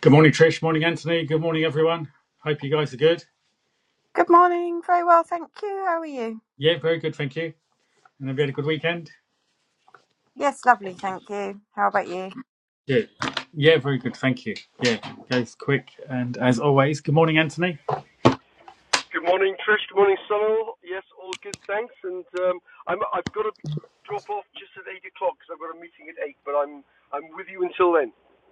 Good morning, Trish. Morning, Anthony. Good morning, everyone. Hope you guys are good. Good morning. Very well, thank you. How are you? Yeah, very good. Thank you. And have you had a good weekend? Yes, lovely, thank you. How about you? Yeah. Yeah, very good. Thank you. Yeah, goes quick. And as always, good morning, Anthony. Good morning, Trish. Good morning, Sunil. Yes, all good, thanks. And um, I'm, I've got to drop off just at eight o'clock because I've got a meeting at eight. But I'm I'm with you until then.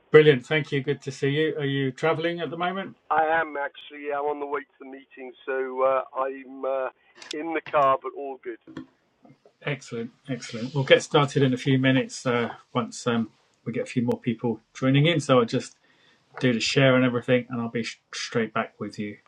Brilliant. Thank you. Good to see you. Are you traveling at the moment? I am actually. I'm on the way to the meeting, so uh, I'm uh, in the car, but all good. Excellent. Excellent. We'll get started in a few minutes uh, once um, we get a few more people joining in. So I'll just do the share and everything, and I'll be sh- straight back with you.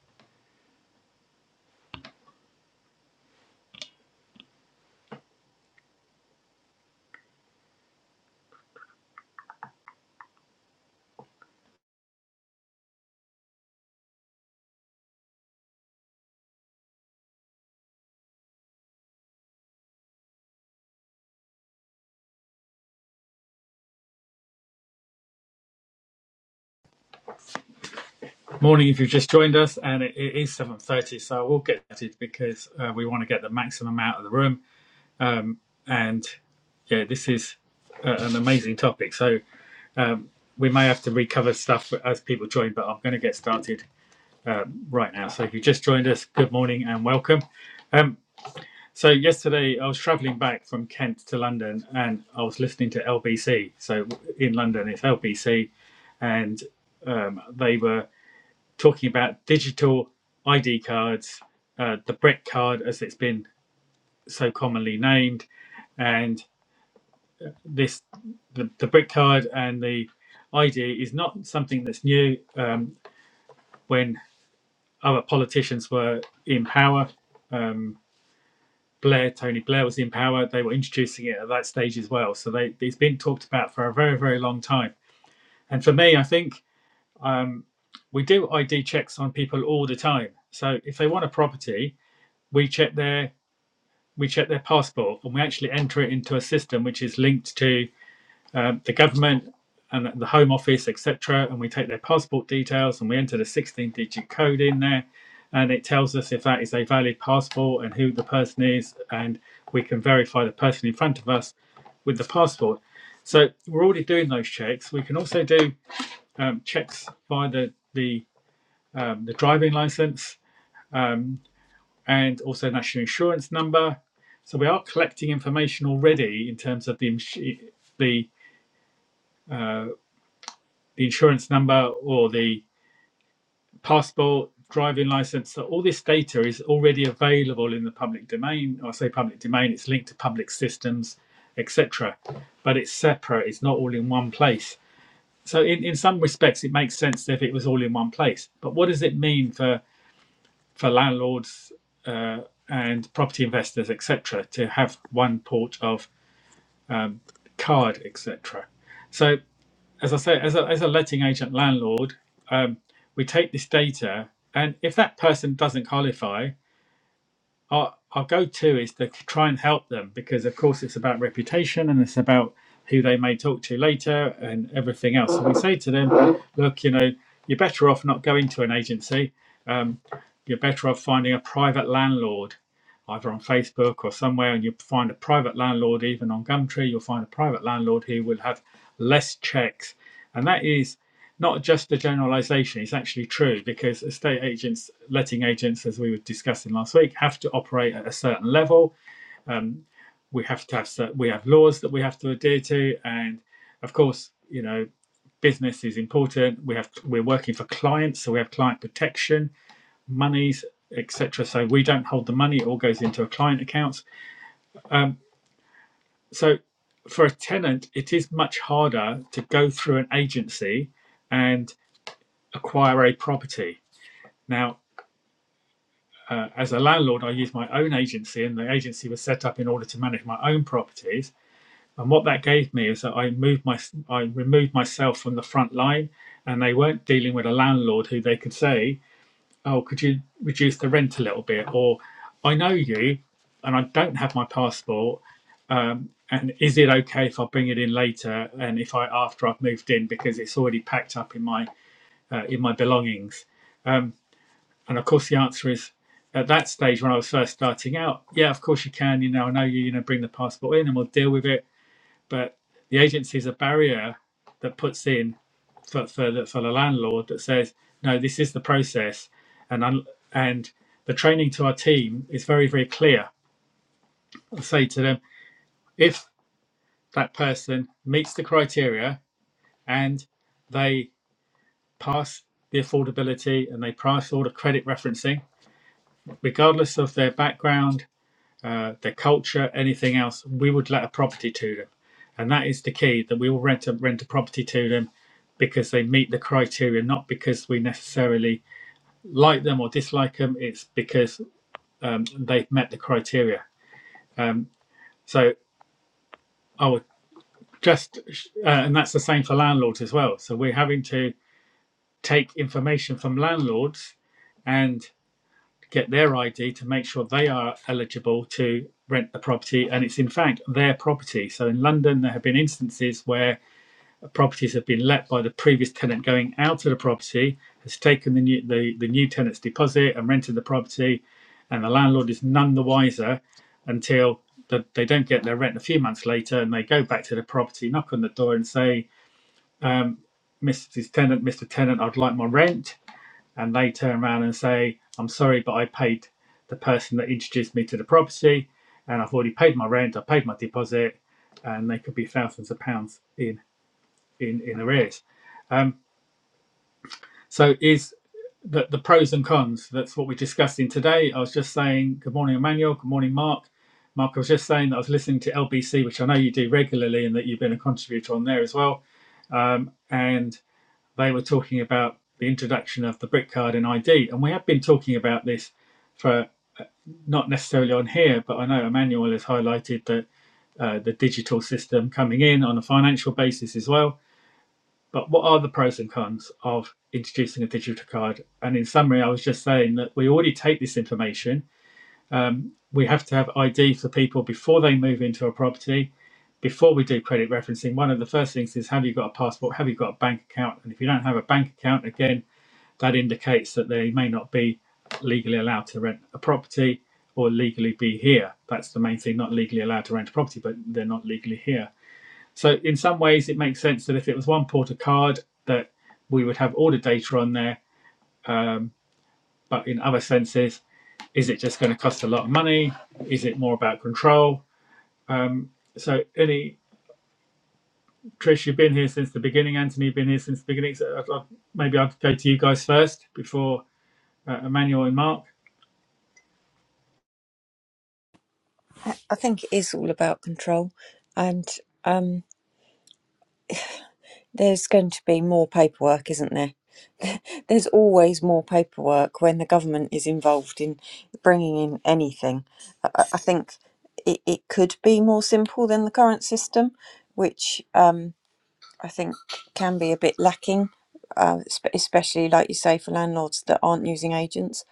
Morning, if you've just joined us, and it, it is seven thirty, so I will get started because uh, we want to get the maximum out of the room Um, and yeah, this is uh, an amazing topic. So we may have to recover stuff as people join, but I'm going to get started right now. So if you just joined us, good morning and welcome. Um, so yesterday I was travelling back from Kent to London, and I was listening to LBC. So in London, it's LBC, and um, they were talking about digital ID cards, uh, the Brett card, as it's been so commonly named, and this the, the brick card and the ID is not something that's new. Um, when other politicians were in power, um, Blair, Tony Blair was in power. They were introducing it at that stage as well. So they, it's been talked about for a very, very long time. And for me, I think we do ID checks on people all the time. So if they want a property, we check their we check their passport and we actually enter it into a system which is linked to um, the government and the Home Office, etc., and we take their passport details and we enter the 16 digit code in there, and it tells us if that is a valid passport and who the person is, and we can verify the person in front of us with the passport. So we're already doing those checks. We can also do um, checks by the the, um, the driving license um, and also national insurance number. So we are collecting information already in terms of the the the insurance number or the passport, driving license. So all this data is already available in the public domain. I say public domain, it's linked to public systems, etc. But it's separate, it's not all in one place. So in, in some respects, it makes sense if it was all in one place. But what does it mean for, for landlords uh, and property investors, etc., to have one port of um, card, etc.? So as I say, as a, as a letting agent landlord, um, we take this data, and if that person doesn't qualify, our, our go to is to try and help them because, of course, it's about reputation and it's about who they may talk to later and everything else. So we say to them, look, you know, you're better off not going to an agency Um, you're better off finding a private landlord, either on Facebook or somewhere, and you find a private landlord, even on Gumtree, you'll find a private landlord who will have less checks. And that is not just a generalization, it's actually true because estate agents, letting agents, as we were discussing last week, have to operate at a certain level. We have to have we have laws that we have to adhere to, and of course, you know, business is important. We have we're working for clients, so we have client protection monies, etc. So we don't hold the money; it all goes into a client accounts. Um, so for a tenant, it is much harder to go through an agency and acquire a property. Now, uh, as a landlord, I use my own agency, and the agency was set up in order to manage my own properties. And what that gave me is that I moved my I removed myself from the front line, and they weren't dealing with a landlord who they could say oh, could you reduce the rent a little bit? Or I know you and I don't have my passport. Um, and is it okay if I bring it in later and if I after I've moved in because it's already packed up in my uh, in my belongings? Um, and of course, the answer is at that stage when I was first starting out, yeah, of course you can. You know, I know you. You know, bring the passport in and we'll deal with it. But the agency is a barrier that puts in for for the, for the landlord that says no this is the process and un, and the training to our team is very very clear i say to them if that person meets the criteria and they pass the affordability and they pass all the credit referencing regardless of their background uh, their culture anything else we would let a property to them and that is the key that we will rent a rent a property to them because they meet the criteria not because we necessarily like them or dislike them, it's because um, they've met the criteria. Um, so I would just, uh, and that's the same for landlords as well. So we're having to take information from landlords and get their ID to make sure they are eligible to rent the property and it's in fact their property. So in London, there have been instances where properties have been let by the previous tenant going out of the property, has taken the new, the, the new tenant's deposit and rented the property, and the landlord is none the wiser until the, they don't get their rent a few months later and they go back to the property, knock on the door and say, um, Mrs. Tenant, Mr. Tenant, I'd like my rent. And they turn around and say, I'm sorry, but I paid the person that introduced me to the property and I've already paid my rent, I paid my deposit, and they could be thousands of pounds in in, in arrears. Um, So is the, the pros and cons. That's what we're discussing today. I was just saying good morning, Emmanuel. Good morning, Mark. Mark, I was just saying that I was listening to LBC, which I know you do regularly, and that you've been a contributor on there as well. Um, and they were talking about the introduction of the brick card and ID, and we have been talking about this for not necessarily on here, but I know Emmanuel has highlighted that uh, the digital system coming in on a financial basis as well but what are the pros and cons of introducing a digital card? And in summary, I was just saying that we already take this information. Um, we have to have ID for people before they move into a property. Before we do credit referencing, one of the first things is have you got a passport? Have you got a bank account? And if you don't have a bank account, again, that indicates that they may not be legally allowed to rent a property or legally be here. That's the main thing, not legally allowed to rent a property, but they're not legally here so in some ways, it makes sense that if it was one port of card, that we would have all the data on there. Um, but in other senses, is it just going to cost a lot of money? Is it more about control? Um, so any Trish, you've been here since the beginning. Anthony, you've been here since the beginning. So I'd, I'd, maybe i will go to you guys first before uh, Emmanuel and Mark. I think it is all about control, and um, there's going to be more paperwork, isn't there? There's always more paperwork when the government is involved in bringing in anything. I, I I think it, it could be more simple than the current system, which um, I think can be a bit lacking, uh, spe- especially like you say for landlords that aren't using agents.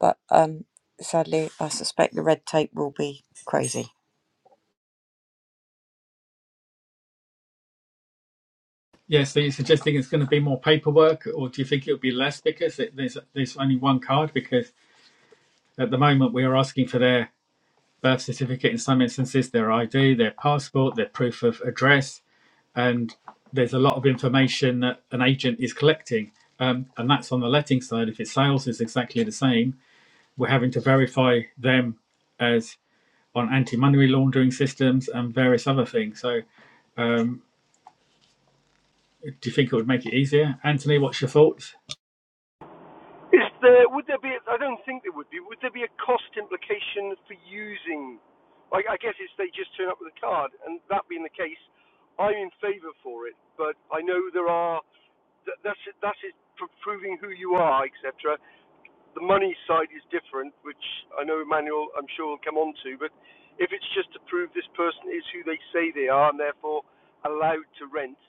But um, sadly, I suspect the red tape will be crazy. Yeah, so you're suggesting it's going to be more paperwork, or do you think it'll be less because it, there's there's only one card? Because at the moment we are asking for their birth certificate in some instances, their ID, their passport, their proof of address, and there's a lot of information that an agent is collecting. Um, and that's on the letting side. If it's sales, it's exactly the same. We're having to verify them as on anti-money laundering systems and various other things. So, do you think it would make it easier, Anthony? What's your thoughts? Is there? Would there be? A, I don't think there would be. Would there be a cost implication for using? I, I guess it's they just turn up with a card, and that being the case, I'm in favour for it. But I know there are that's that's it, proving who you are, etc the money side is different, which I know Emmanuel, I'm sure, will come on to. But if it's just to prove this person is who they say they are and therefore allowed to rent,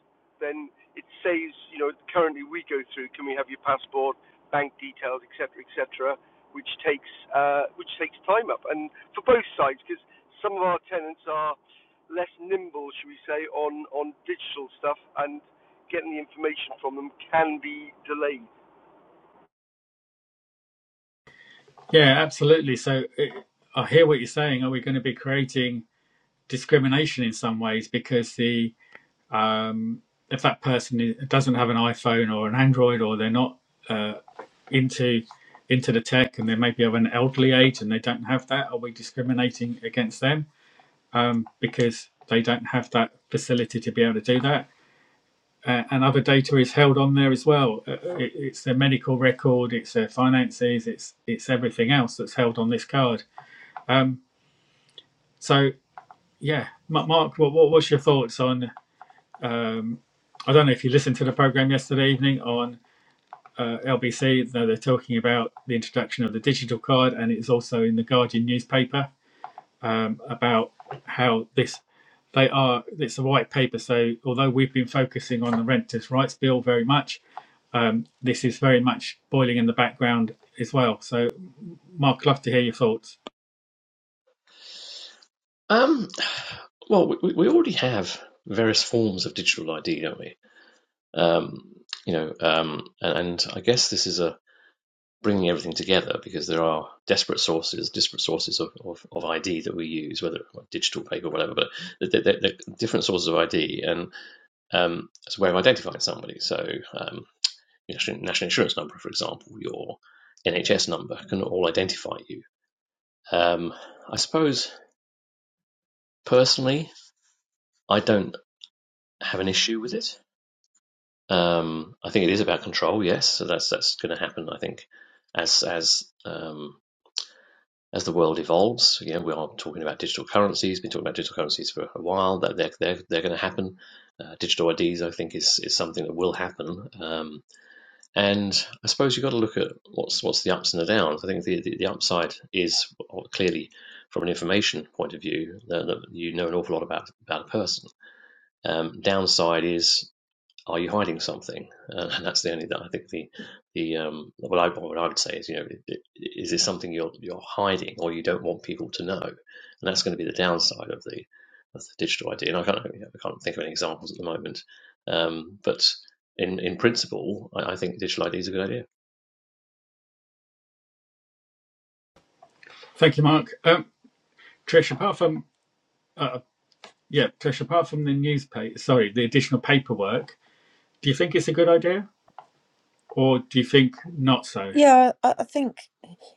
then it saves, you know, currently we go through, can we have your passport, bank details, et cetera, et cetera, which takes, uh, which takes time up. And for both sides, because some of our tenants are less nimble, should we say, on, on digital stuff and getting the information from them can be delayed. Yeah, absolutely. So, it, I hear what you're saying. Are we going to be creating discrimination in some ways because the Um, if that person doesn't have an iPhone or an Android, or they're not uh, into into the tech, and they maybe have an elderly age and they don't have that, are we discriminating against them um, because they don't have that facility to be able to do that? Uh, and other data is held on there as well. Uh, it, it's their medical record, it's their finances, it's it's everything else that's held on this card. Um, so yeah, Mark, what, what what's your thoughts on? Um, I don't know if you listened to the program yesterday evening on uh, LBC, they're talking about the introduction of the digital card, and it's also in the Guardian newspaper um, about how this they are. It's a white paper, so although we've been focusing on the renters' rights bill very much, um, this is very much boiling in the background as well. So, Mark, I'd love to hear your thoughts. Um, well, we, we already have various forms of digital ID, don't we? Um, you know, um, and, and I guess this is a bringing everything together because there are desperate sources, disparate sources of, of, of ID that we use, whether digital paper whatever, but they're, they're, they're different sources of ID and um, it's a way of identifying somebody. So, um, your national, national insurance number, for example, your NHS number can all identify you. Um, I suppose personally, I don't have an issue with it. Um, I think it is about control, yes. So that's that's going to happen. I think as as um, as the world evolves, you know, we are talking about digital currencies. Been talking about digital currencies for a while. That they're they're, they're going to happen. Uh, digital IDs, I think, is is something that will happen. Um, and I suppose you've got to look at what's what's the ups and the downs. I think the the, the upside is well, clearly from an information point of view that, that you know an awful lot about about a person. Um, downside is are you hiding something? Uh, and that's the only that I think the the um, what I what I would say is you know is this something you're you're hiding or you don't want people to know? And that's going to be the downside of the of the digital ID. And I can't I can't think of any examples at the moment, um, but in in principle, I, I think digital ID is a good idea. Thank you, Mark. Um, Trish, apart from uh, yeah, Trish, apart from the newspaper, sorry, the additional paperwork, do you think it's a good idea, or do you think not so? Yeah, I, I think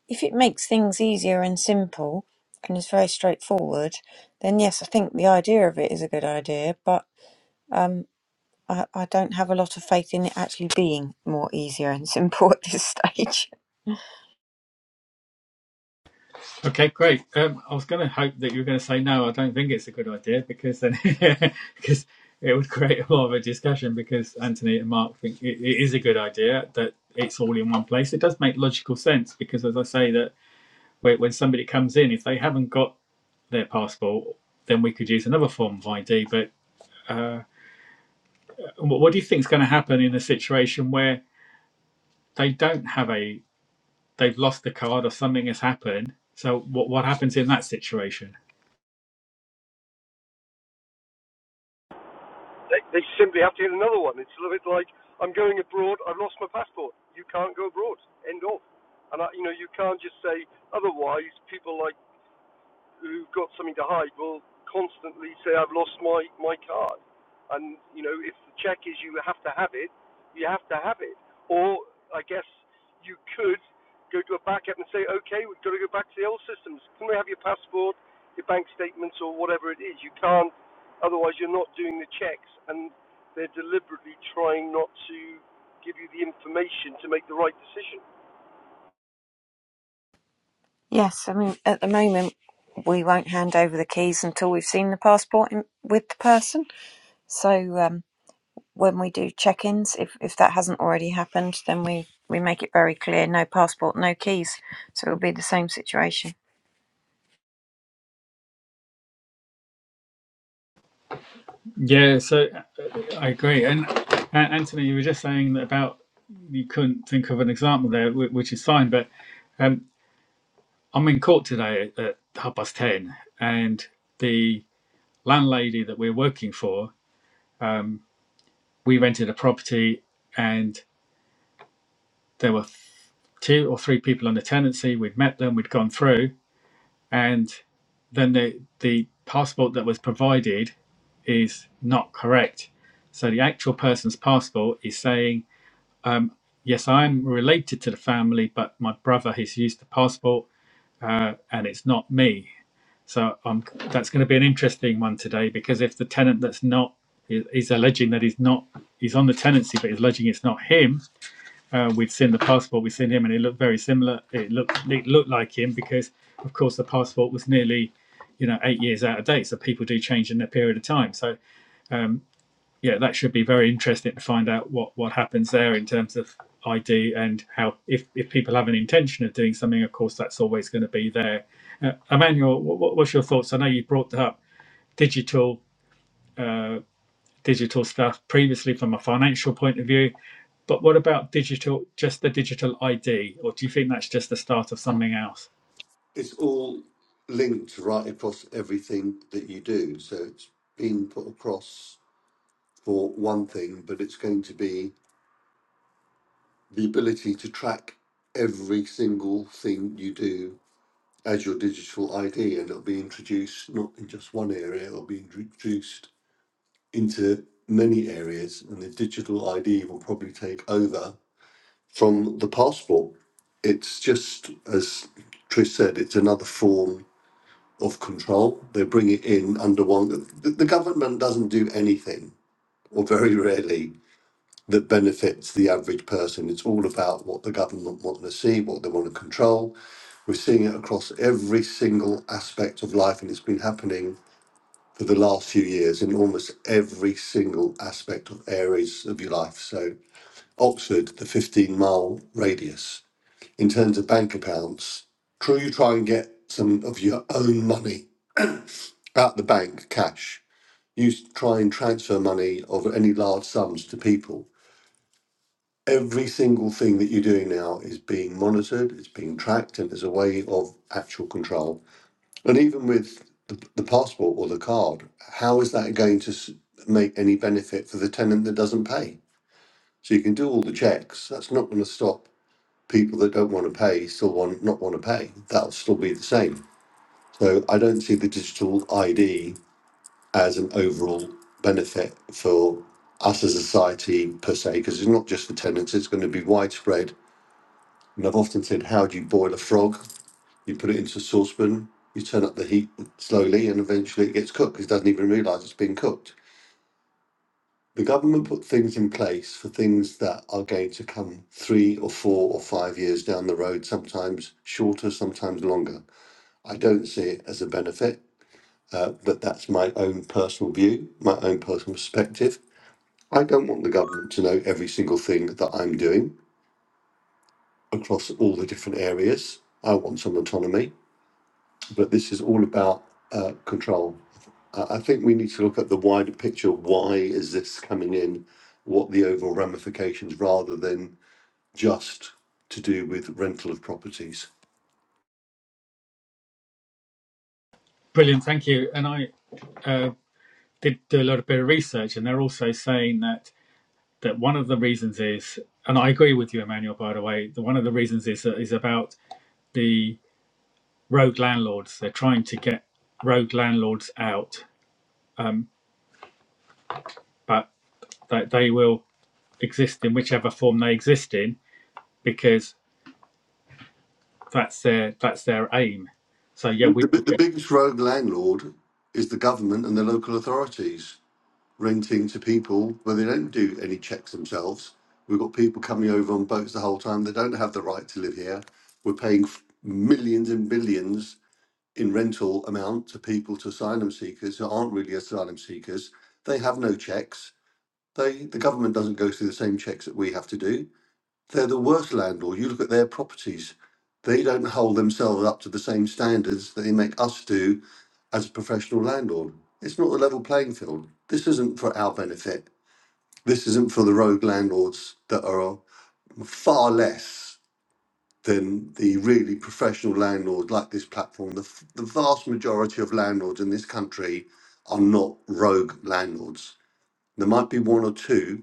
if it makes things easier and simple and is very straightforward, then yes, I think the idea of it is a good idea, but um, I, I don't have a lot of faith in it actually being more easier and simple at this stage. Okay, great. Um, I was going to hope that you were going to say no. I don't think it's a good idea because then because it would create a lot of a discussion. Because Anthony and Mark think it, it is a good idea that it's all in one place. It does make logical sense because, as I say, that when when somebody comes in, if they haven't got their passport, then we could use another form of ID. But uh, what, what do you think is going to happen in a situation where they don't have a they've lost the card or something has happened? So what what happens in that situation? they, they simply have to get another one. It's a little bit like I'm going abroad. I've lost my passport. You can't go abroad. End of. And I, you know, you can't just say otherwise. People like who've got something to hide will constantly say, "I've lost my my card," and you know if the check is you have to have it, you have to have it. Or I guess you could go to a backup and say, "Okay, we've got to go back to the old systems. Can we have your passport, your bank statements, or whatever it is? You can't, otherwise you're not doing the checks." And they're deliberately trying not to give you the information to make the right decision. Yes, I mean, at the moment, we won't hand over the keys until we've seen the passport in, with the person. So, um, when we do check-ins, if, if that hasn't already happened, then we, we make it very clear, no passport, no keys. So it'll be the same situation. Yeah, so uh, I agree. And uh, Anthony, you were just saying that about you couldn't think of an example there, whi- which is fine. But um, I'm in court today at, at half past 10, and the landlady that we're working for, um, we rented a property, and there were two or three people on the tenancy. We'd met them, we'd gone through, and then the, the passport that was provided is not correct. So the actual person's passport is saying, Yes, I am related to the family, but my brother he's used the passport, uh, and it's not me. So um, that's going to be an interesting one today because if the tenant that's not is is alleging that he's not he's on the tenancy, but he's alleging it's not him. Uh, we've seen the passport, we've seen him, and it looked very similar. It looked it looked like him because, of course, the passport was nearly, you know, eight years out of date. So people do change in a period of time. So yeah, that should be very interesting to find out what what happens there in terms of ID and how if if people have an intention of doing something, of course, that's always going to be there. Uh, Emmanuel, what, what's your thoughts? I know you brought up digital digital stuff previously from a financial point of view, but what about digital, just the digital ID, or do you think that's just the start of something else? it's all linked right across everything that you do. So it's being put across for one thing, but it's going to be the ability to track every single thing you do as your digital ID, and it'll be introduced not in just one area, it'll be introduced into many areas, and the digital ID will probably take over from the passport. It's just, as Trish said, it's another form of control. They bring it in under one. The, the government doesn't do anything, or very rarely, that benefits the average person. It's all about what the government want to see, what they want to control. We're seeing it across every single aspect of life, and it's been happening for the last few years in almost every single aspect of areas of your life. So, Oxford, the 15 mile radius, in terms of bank accounts, true, you try and get some of your own money out the bank, cash You try and transfer money of any large sums to people. Every single thing that you're doing now is being monitored, it's being tracked, and there's a way of actual control. And even with the, the passport or the card, how is that going to s- make any benefit for the tenant that doesn't pay? So you can do all the checks. That's not going to stop people that don't want to pay still want not want to pay. That'll still be the same. So I don't see the digital ID as an overall benefit for us as a society per se, because it's not just for tenants, it's going to be widespread. And I've often said, how do you boil a frog? You put it into a saucepan, you turn up the heat slowly, and eventually it gets cooked. because It doesn't even realise it's been cooked. The government put things in place for things that are going to come three or four or five years down the road, sometimes shorter, sometimes longer. I don't see it as a benefit, uh, but that's my own personal view, my own personal perspective I don't want the government to know every single thing that I'm doing across all the different areas. I want some autonomy, but this is all about uh, control. Uh, I think we need to look at the wider picture. Why is this coming in? What the overall ramifications, rather than just to do with rental of properties. Brilliant, thank you. And I uh, did do a lot of bit of research, and they're also saying that. that one of the reasons is, and I agree with you, Emmanuel, by the way, that one of the reasons is, uh, is about the rogue landlords. They're trying to get rogue landlords out, um, but that they will exist in whichever form they exist in because that's their that's their aim. So yeah, The, the, we will the biggest rogue landlord is the government and the local authorities renting to people where they don't do any checks themselves. We've got people coming over on boats the whole time. They don't have the right to live here. We're paying f- millions and billions in rental amount to people to asylum seekers who aren't really asylum seekers. They have no checks. They the government doesn't go through the same checks that we have to do. They're the worst landlord. You look at their properties. They don't hold themselves up to the same standards that they make us do as a professional landlord. It's not a level playing field. This isn't for our benefit this isn't for the rogue landlords that are far less than the really professional landlord like this platform. The, the vast majority of landlords in this country are not rogue landlords. There might be one or two,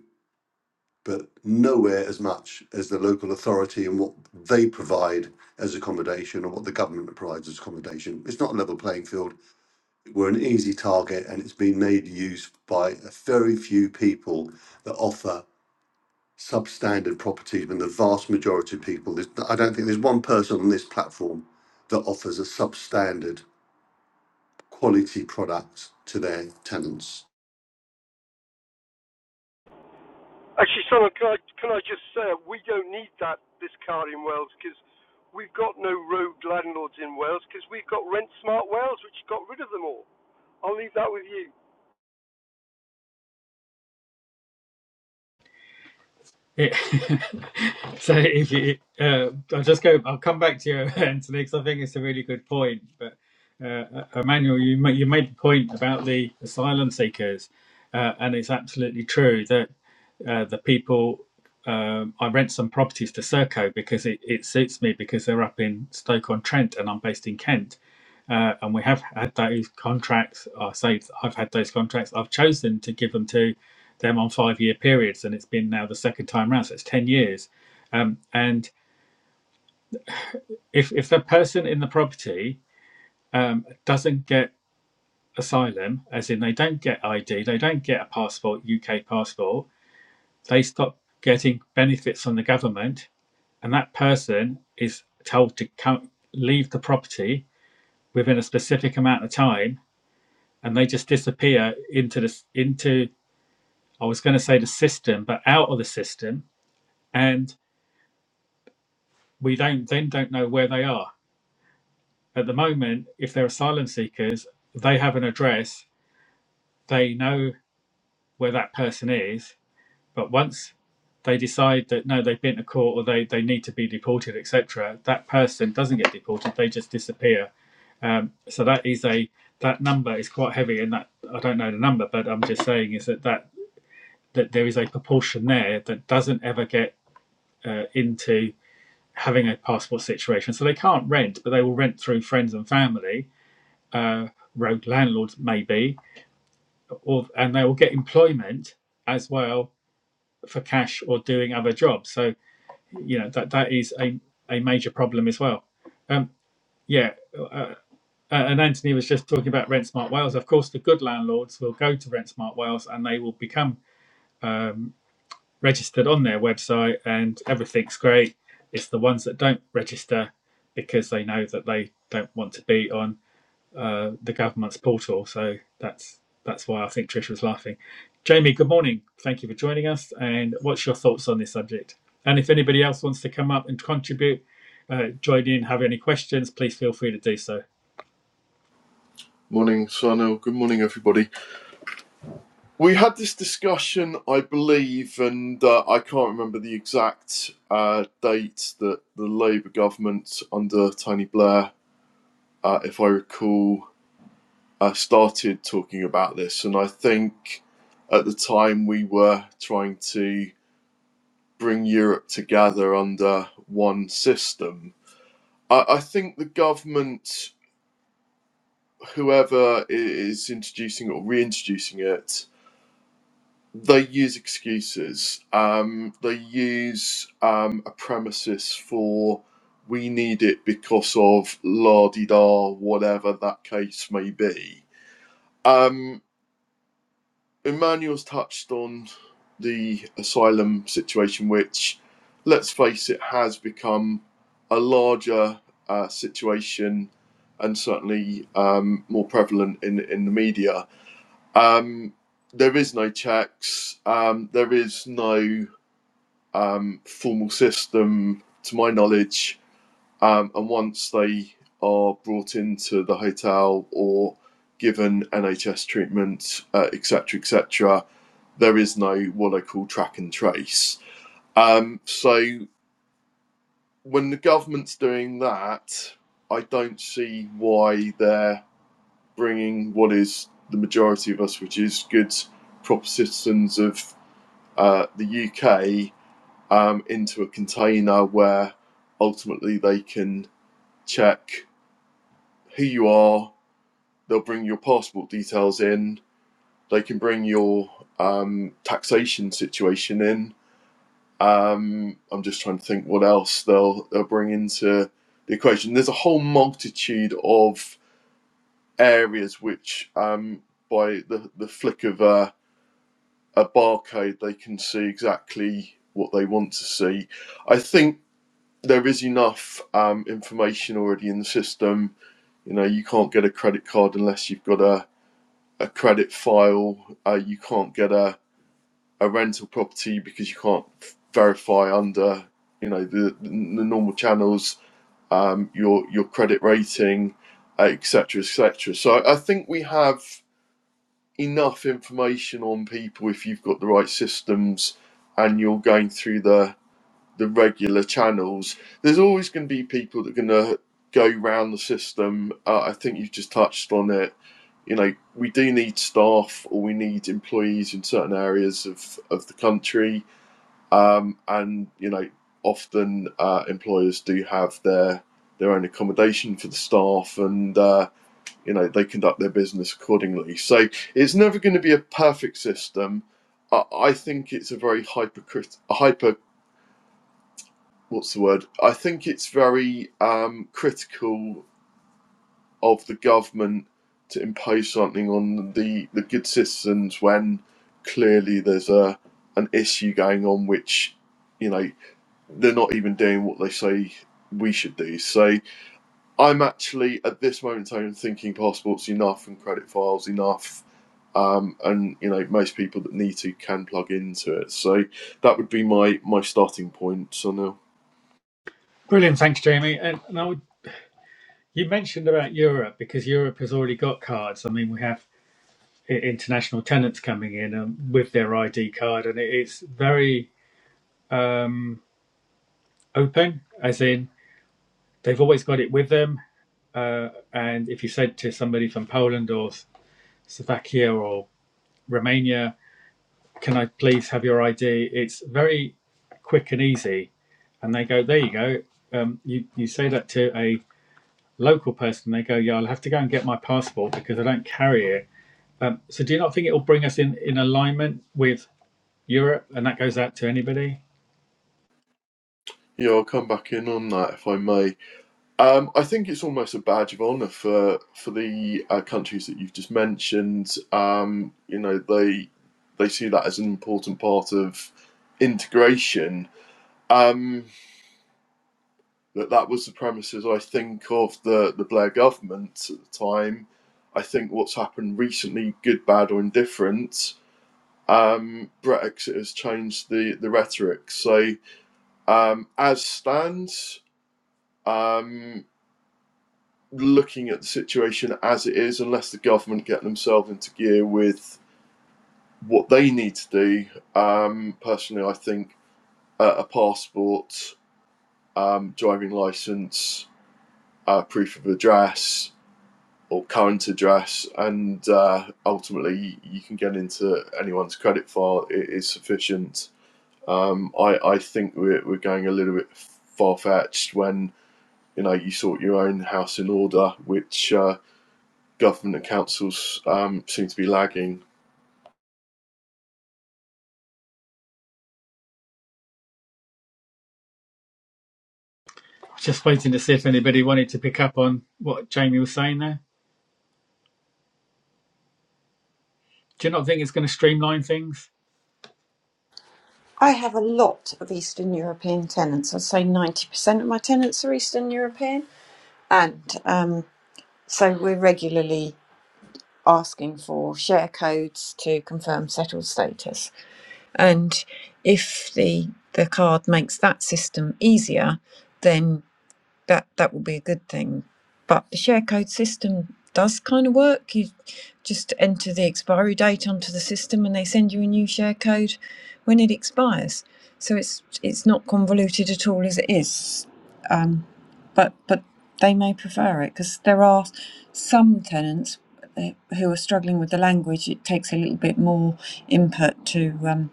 but nowhere as much as the local authority and what they provide as accommodation or what the government provides as accommodation. It's not a level playing field. We're an easy target and it's been made use by a very few people that offer substandard properties when the vast majority of people, there's, I don't think there's one person on this platform that offers a substandard quality product to their tenants. Actually, Simon, can I, can I just say we don't need that this car in Wales because we've got no rogue landlords in Wales because we've got Rent Smart Wales, which got rid of them all. I'll leave that with you. It, so if you, uh, I'll just go, I'll come back to you, Anthony, because I think it's a really good point. But uh, Emmanuel, you ma- you made the point about the asylum seekers, uh, and it's absolutely true that uh, the people. Um, I rent some properties to Serco because it, it suits me because they're up in Stoke on Trent and I'm based in Kent uh, and we have had those contracts. I say I've had those contracts. I've chosen to give them to them on five-year periods, and it's been now the second time round, so it's ten years. Um, and if if the person in the property um, doesn't get asylum, as in they don't get ID, they don't get a passport, UK passport, they stop getting benefits from the government, and that person is told to come leave the property within a specific amount of time and they just disappear into this into I was going to say the system, but out of the system, and we don't then don't know where they are at the moment. If they're asylum seekers, they have an address, they know where that person is, but once they decide that no, they've been to court or they, they need to be deported, etc., that person doesn't get deported; they just disappear. Um, so that is a that number is quite heavy, and that I don't know the number, but I'm just saying is that that that there is a proportion there that doesn't ever get uh, into having a passport situation. So they can't rent, but they will rent through friends and family, uh, road landlords maybe, or and they will get employment as well for cash or doing other jobs. So you know that that is a a major problem as well. Um, yeah. Uh, uh, and Anthony was just talking about Rent Smart Wales. Of course, the good landlords will go to Rent Smart Wales and they will become um, registered on their website and everything's great. It's the ones that don't register because they know that they don't want to be on uh, the government's portal. So that's that's why I think Trish was laughing. Jamie, good morning. Thank you for joining us. And what's your thoughts on this subject? And if anybody else wants to come up and contribute, uh, join in, have any questions, please feel free to do so. Morning, Sunil. Good morning, everybody. We had this discussion, I believe, and uh, I can't remember the exact uh, date that the Labour government under Tony Blair, uh, if I recall, uh, started talking about this. And I think at the time we were trying to bring Europe together under one system. I, I think the government, whoever is introducing or reintroducing it, they use excuses. Um, they use um, a premises for we need it because of la di da, whatever that case may be. Um, Emmanuel's touched on the asylum situation, which, let's face it, has become a larger uh, situation and certainly um, more prevalent in, in the media. Um, there is no checks. Um, there is no um, formal system, to my knowledge. Um, and once they are brought into the hotel or given NHS treatment, uh, et cetera, et cetera, there is no what I call track and trace. Um, so when the government's doing that, I don't see why they're bringing what is the majority of us, which is good, proper citizens of uh, the UK, um, into a container where ultimately they can check who you are. They'll bring your passport details in. They can bring your um, taxation situation in. Um, I'm just trying to think what else they'll they'll bring into the equation. There's a whole multitude of areas which, um, by the the flick of a, a barcode, they can see exactly what they want to see. I think there is enough um, information already in the system. You know, you can't get a credit card unless you've got a, a credit file. Uh, you can't get a, a rental property because you can't verify under you know the the normal channels um, your your credit rating, etc. etc. So I think we have enough information on people if you've got the right systems and you're going through the the regular channels, there's always going to be people that are going to go round the system. Uh, I think you've just touched on it. You know, we do need staff or we need employees in certain areas of, of the country. Um, and, you know, often uh, employers do have their their own accommodation for the staff and, uh, you know, they conduct their business accordingly. So it's never going to be a perfect system. I I think it's a very hypercrit- hyper what's the word? I think it's very um, critical of the government to impose something on the, the good citizens when clearly there's a an issue going on which you know they're not even doing what they say we should do. So I'm actually at this moment in time thinking passports enough and credit files enough. Um, and you know most people that need to can plug into it, so that would be my my starting point. So now. Brilliant. Thanks, Jamie. And, and I would, you mentioned about Europe because Europe has already got cards. I mean, we have international tenants coming in um, with their ID card, and it's very um, open, as in they've always got it with them. Uh, and if you said to somebody from Poland or Slovakia or Romania, "Can I please have your ID?" It's very quick and easy, and they go, "There you go." Um, you you say that to a local person, they go, "Yeah, I'll have to go and get my passport because I don't carry it." Um, so do you not think it will bring us in, in alignment with Europe, and that goes out to anybody. Yeah, I'll come back in on that if I may. Um, I think it's almost a badge of honour for for the uh, countries that you've just mentioned. Um, you know, they they see that as an important part of integration. Um, that that was the premises I think of the the Blair government at the time. I think what's happened recently, good, bad, or indifferent, um, Brexit has changed the the rhetoric. So um, as stands. Um, looking at the situation as it is, unless the government get themselves into gear with what they need to do. Um, personally, I think uh, a passport, um, driving license, uh, proof of address, or current address, and uh, ultimately you can get into anyone's credit file i- is sufficient. Um, I, I think we're, we're going a little bit far fetched when you know you sort your own house in order, which uh, government and councils um, seem to be lagging. Just waiting to see if anybody wanted to pick up on what Jamie was saying there. Do you not think it's going to streamline things? I have a lot of Eastern European tenants. I'd say 90% of my tenants are Eastern European. And um, so we're regularly asking for share codes to confirm settled status. And if the, the card makes that system easier, then. that that will be a good thing. But the share code system does kind of work. You just enter the expiry date onto the system, and they send you a new share code when it expires. So it's it's not convoluted at all as it is. Um, but but they may prefer it because there are some tenants uh, who are struggling with the language. It takes a little bit more input to um,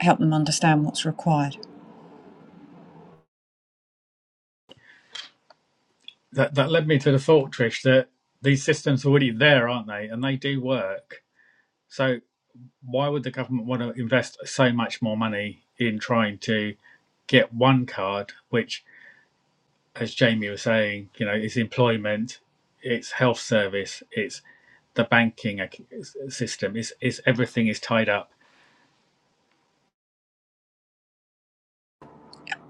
help them understand what's required. That that led me to the thought, Trish, that these systems are already there, aren't they? And they do work. So why would the government want to invest so much more money in trying to get one card, which, as Jamie was saying, you know, is employment, it's health service, it's the banking system, it's, it's everything is tied up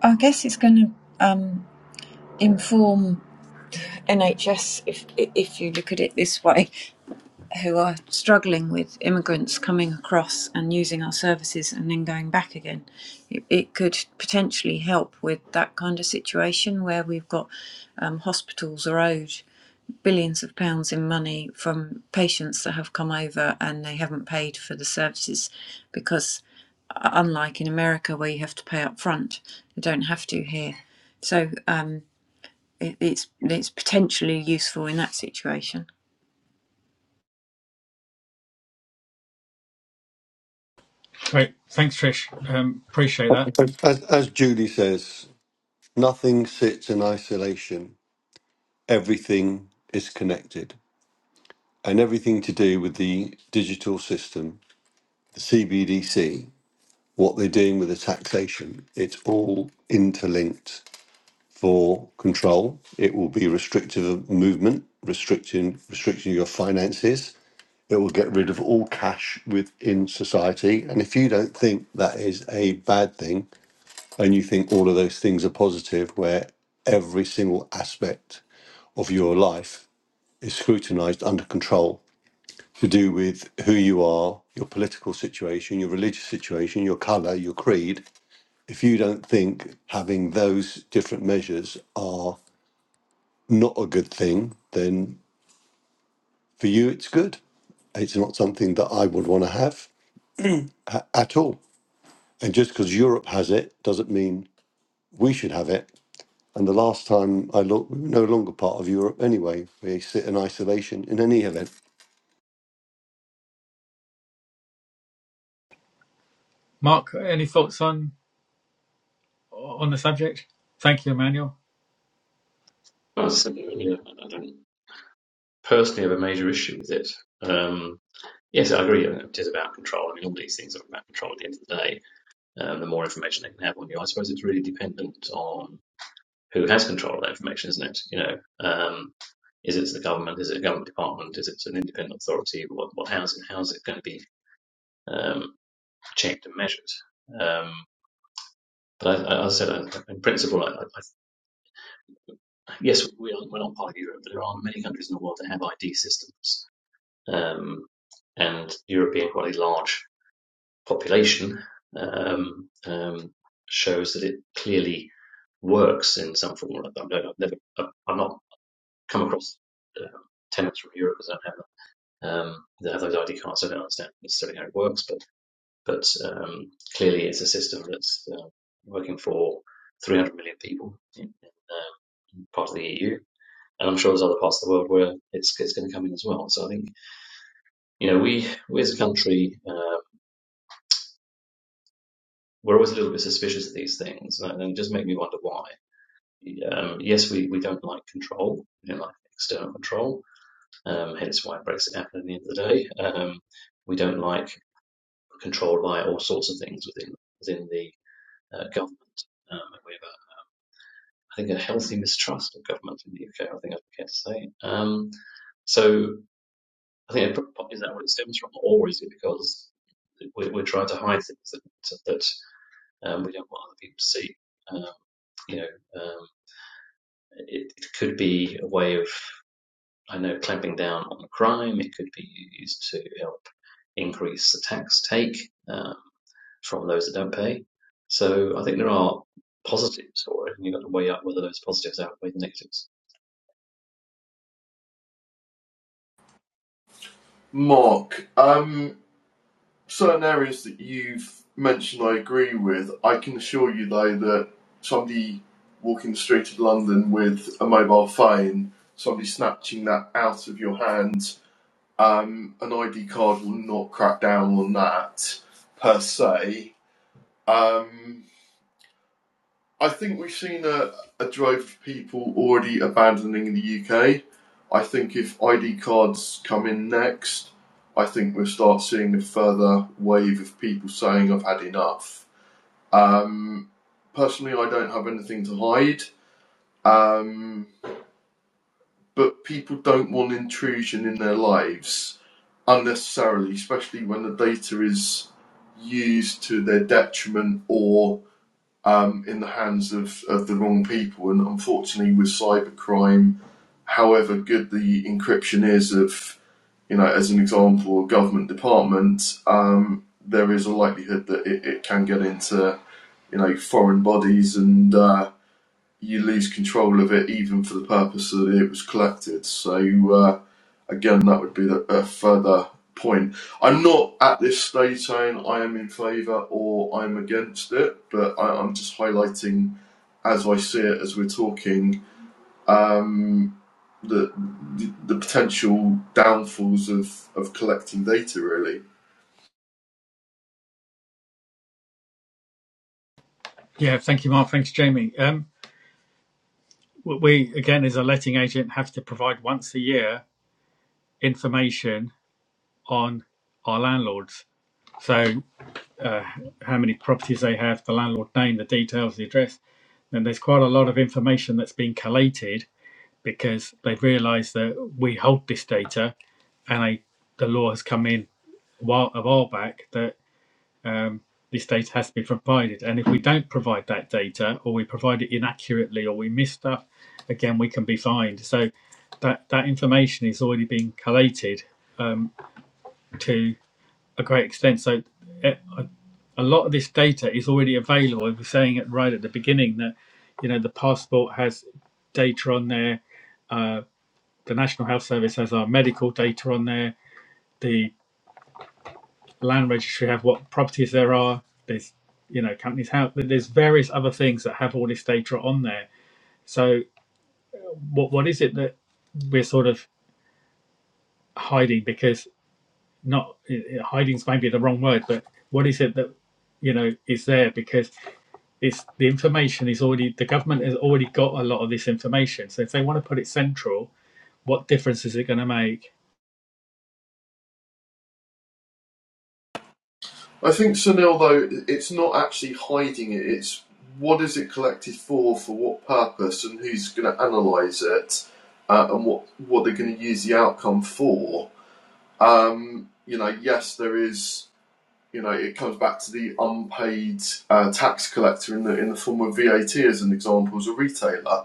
I guess it's going to um, inform NHS, if if you look at it this way, who are struggling with immigrants coming across and using our services and then going back again. It, it could potentially help with that kind of situation where we've got um, hospitals are owed billions of pounds in money from patients that have come over and they haven't paid for the services because uh, unlike in America where you have to pay up front, you don't have to here. So um, it, it's it's potentially useful in that situation. Great. Thanks, Trish. Um, appreciate that. As, as Judy says, nothing sits in isolation, everything is connected. And everything to do with the digital system, the CBDC, what they're doing with the taxation, it's all interlinked for control. It will be restrictive of movement, restricting restricting your finances. It will get rid of all cash within society. And if you don't think that is a bad thing, and you think all of those things are positive, where every single aspect of your life is scrutinized under control to do with who you are, your political situation, your religious situation, your color, your creed. If you don't think having those different measures not a good thing, then for you it's good. It's not something that I would want to have a- at all. And just because Europe has it doesn't mean we should have it. And the last time I looked, we were no longer part of Europe anyway. We sit in isolation in any event. Mark, any thoughts on on the subject? Thank you, Emmanuel. Well, it's- I mean, I don't personally have a major issue with it. Um, yes, I agree. It is about control. I mean, all these things are about control at the end of the day. Um, the more information they can have on you, I suppose it's really dependent on. who has control of that information, isn't it? You know, um, is it the government? Is it a government department? Is it an independent authority? What, what, how's it, how's it going to be um, checked and measured? Um, but I, I said, uh, in principle, I, I, yes, we are, we're not part of Europe, but there are many countries in the world that have ID systems, um, and Europe being quite a large population um, um, shows that it clearly works in some form or another. I'm not, come across uh, tenants from Europe that have Um, that have those ID cards. I don't understand necessarily how it works, but but um, clearly it's a system that's uh, working for 300 million people in, in um, part of the EU, and I'm sure there's other parts of the world where it's it's going to come in as well. So I think you know we we as a country uh, we're always a little bit suspicious of these things, and it just make me wonder why. Um, yes, we, we don't like control, we don't like external control, um, hence why Brexit happened at the end of the day. Um, we don't like controlled by all sorts of things within within the uh, government. Um, we have, a, I think, a healthy mistrust of government in the UK. I think I'd be fair to say. Um, so I think it is that what it stems from, or is it because we're, we're trying to hide things that that um, we don't want other people to see? Um, you know, um, it, it could be a way of I know clamping down on crime, it could be used to help increase the tax take um, from those that don't pay. So I think there are positives for it, and you've got to weigh up whether those positives outweigh the negatives. Mark, um, certain areas that you've mentioned I agree with. I can assure you, though, that somebody walking the street of London with a mobile phone, somebody snatching that out of your hand, um, an ID card will not crack down on that per se. Um, I think we've seen a, a drive for people already abandoning the UK. I think if ID cards come in next, I think we'll start seeing a further wave of people saying, I've had enough. Um, personally, I don't have anything to hide, um, but people don't want intrusion in their lives unnecessarily, especially when the data is used to their detriment or um, in the hands of, of the wrong people. And unfortunately, with cybercrime, however good the encryption is of, you know, as an example, a government department, um, there is a likelihood that it, it can get into, you know, foreign bodies and uh, you lose control of it even for the purpose that it was collected. So, uh, again, that would be the, a further point. I'm not at this stage saying I am in favour or I'm against it, but I, I'm just highlighting as I see it, as we're talking, um, the, the the potential downfalls of, of collecting data. Really, Yeah, thank you, Mark. Thanks, Jamie. Um, we again, as a letting agent, have to provide once a year information on our landlords. So, how many properties they have, the landlord name, the details, the address, and there's quite a lot of information that's been collated because they've realised that we hold this data, and they, the law has come in a while, a while back that um, this data has to be provided. And if we don't provide that data, or we provide it inaccurately, or we miss stuff, again, we can be fined. So that that information is already being collated um, to a great extent. So eh, a, a lot of this data is already available. We were saying it right at the beginning that you know the passport has data on there. Uh, the National Health Service has our medical data on there. The the land registry have what properties there are. There's you know companies have there's various other things that have all this data on there. So what what is it that we're sort of hiding? Because not eh, eh, hiding's maybe the wrong word, but what is it that you know is there? Because it's the information is already the government has already got a lot of this information. So if they want to put it central, what difference is it going to make? I think Sunil though it's not actually hiding it. It's what is it collected for, for what purpose, and who's going to analyse it, uh, and what what they're going to use the outcome for. Um, you know, yes, there is. You know, it comes back to the unpaid uh, tax collector in the in the form of VAT as an example as a retailer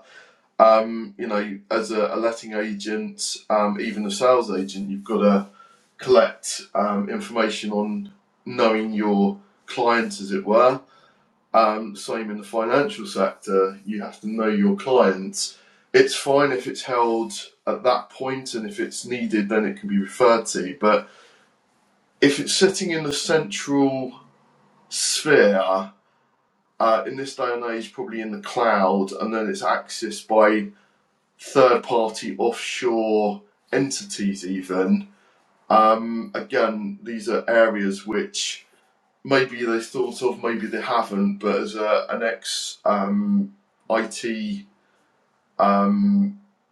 um, you know, as a, a letting agent, um, even a sales agent, you've got to collect um, information on knowing your clients, as it were. Um, same in the financial sector, you have to know your clients. It's fine if it's held at that point, and if it's needed, then it can be referred to. But if it's sitting in the central sphere, uh, in this day and age, probably in the cloud, and then it's accessed by third party offshore entities, even. Um, again, these are areas which maybe they thought of, maybe they haven't, but as a, an ex um, IT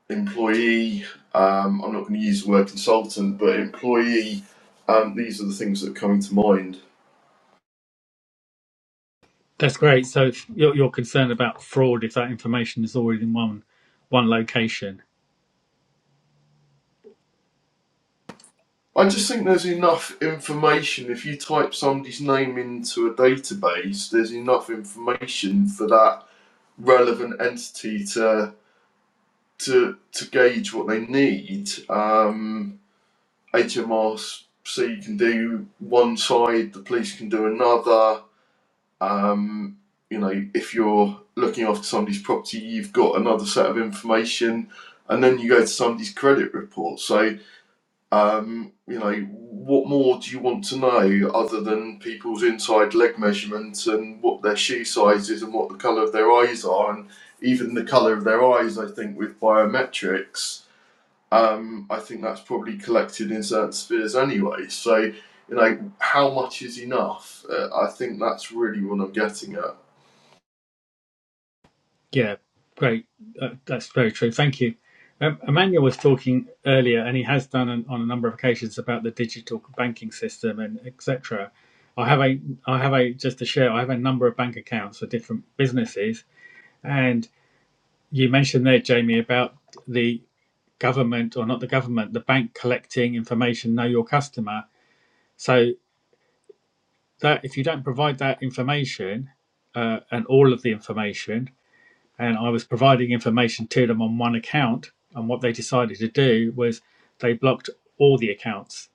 employee, um, I'm not going to use the word consultant, but employee, um, these are the things that are coming to mind. That's great. So you're, you're concerned about fraud if that information is already in one one location. I just think there's enough information. If you type somebody's name into a database, there's enough information for that relevant entity to to to gauge what they need, um, HMRC can do one side, the police can do another. Um, you know, if you're looking after somebody's property, you've got another set of information, and then you go to somebody's credit report. So, um, you know, what more do you want to know other than people's inside leg measurements and what their shoe size is and what the colour of their eyes are, and even the colour of their eyes? I think with biometrics um, I think that's probably collected in certain spheres anyway. So, you know, how much is enough? Uh, I think that's really what I'm getting at. Yeah, great. Uh, That's very true. Thank you. Um, Emmanuel was talking earlier, and he has done on, on a number of occasions about the digital banking system and etc. I have a, I have a just to share. I have a number of bank accounts for different businesses, and you mentioned there, Jamie, about the government or not the government, the bank collecting information, know your customer. So that if you don't provide that information uh, and all of the information, and I was providing information to them on one account. And what they decided to do was they blocked all the accounts.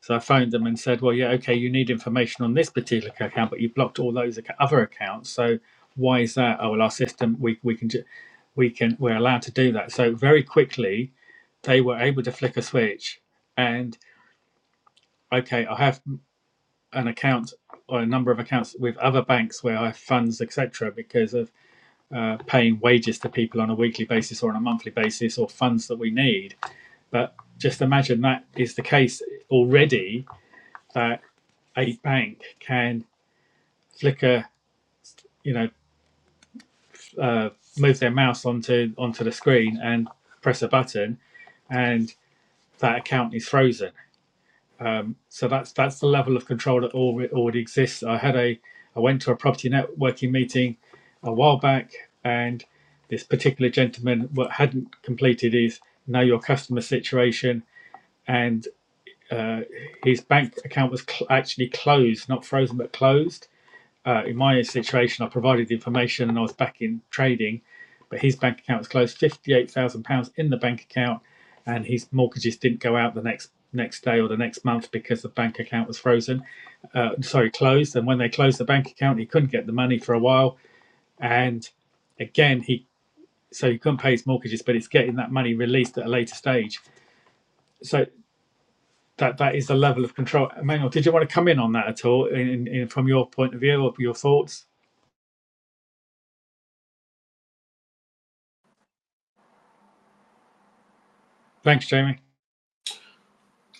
So I phoned them and said, "Well, yeah, okay, you need information on this particular account, but you blocked all those other accounts. So why is that? Oh, well, our system we we can ju- we can we're allowed to do that. So very quickly they were able to flick a switch and okay, I have an account or a number of accounts with other banks where I have funds, etc., because of uh, paying wages to people on a weekly basis or on a monthly basis or funds that we need. But just imagine that is the case already that a bank can flicker, you know, uh, move their mouse onto onto the screen and press a button, and that account is frozen. Um, so that's that's the level of control that already, exists. I had a I went to a property networking meeting a while back, and this particular gentleman what hadn't completed his know your customer situation, and uh, his bank account was cl- actually closed, not frozen but closed uh, in my situation, I provided the information and I was back in trading, but his bank account was closed. Fifty-eight thousand pounds in the bank account, and his mortgages didn't go out the next next day or the next month because the bank account was frozen. Uh, sorry, closed. And when they closed the bank account, he couldn't get the money for a while. And again, he so he couldn't pay his mortgages, but it's getting that money released at a later stage. So that that is the level of control. Emmanuel, did you want to come in on that at all, in, in, from your point of view or your thoughts? Thanks, Jamie.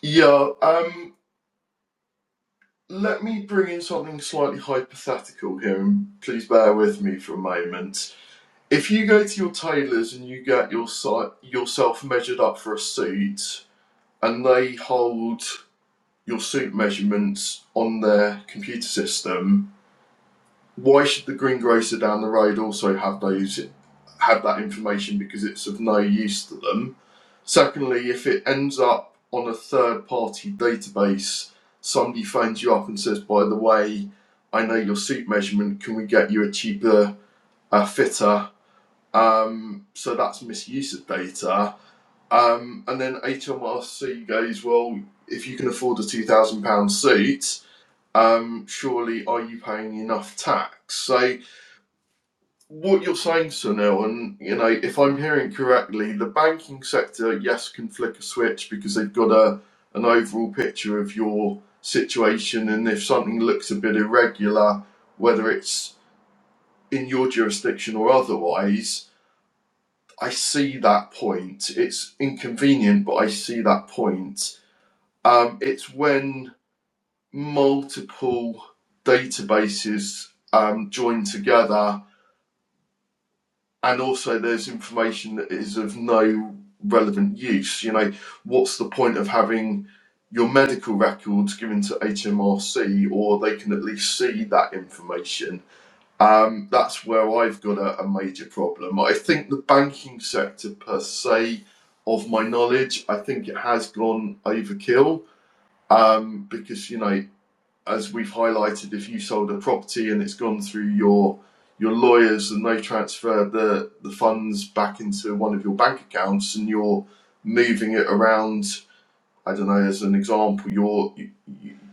Yeah, um, let me bring in something slightly hypothetical here, and please bear with me for a moment. If you go to your tailors and you get your si- yourself measured up for a suit, and they hold your suit measurements on their computer system, why should the greengrocer down the road also have those have that information because it's of no use to them? Secondly, if it ends up on a third party database, somebody phones you up and says, by the way, I know your seat measurement, can we get you a cheaper uh, fitter? Um, so that's misuse of data. Um, and then HMRC goes, well, if you can afford a £2,000 seat, um, surely are you paying enough tax? So what you're saying, Sunil, and you know, if I'm hearing correctly, the banking sector, yes, can flick a switch because they've got a an overall picture of your situation, and if something looks a bit irregular, whether it's in your jurisdiction or otherwise, I see that point. It's inconvenient, but I see that point. Um, it's when multiple databases um, join together and also there's information that is of no relevant use. You know, what's the point of having your medical records given to HMRC, or they can at least see that information? Um, that's where I've got a, a major problem. I think the banking sector, per se, of my knowledge, I think it has gone overkill um, because you know as we've highlighted, if you sold a property and it's gone through your your lawyers and they transfer the the funds back into one of your bank accounts and you're moving it around. I don't know, as an example, your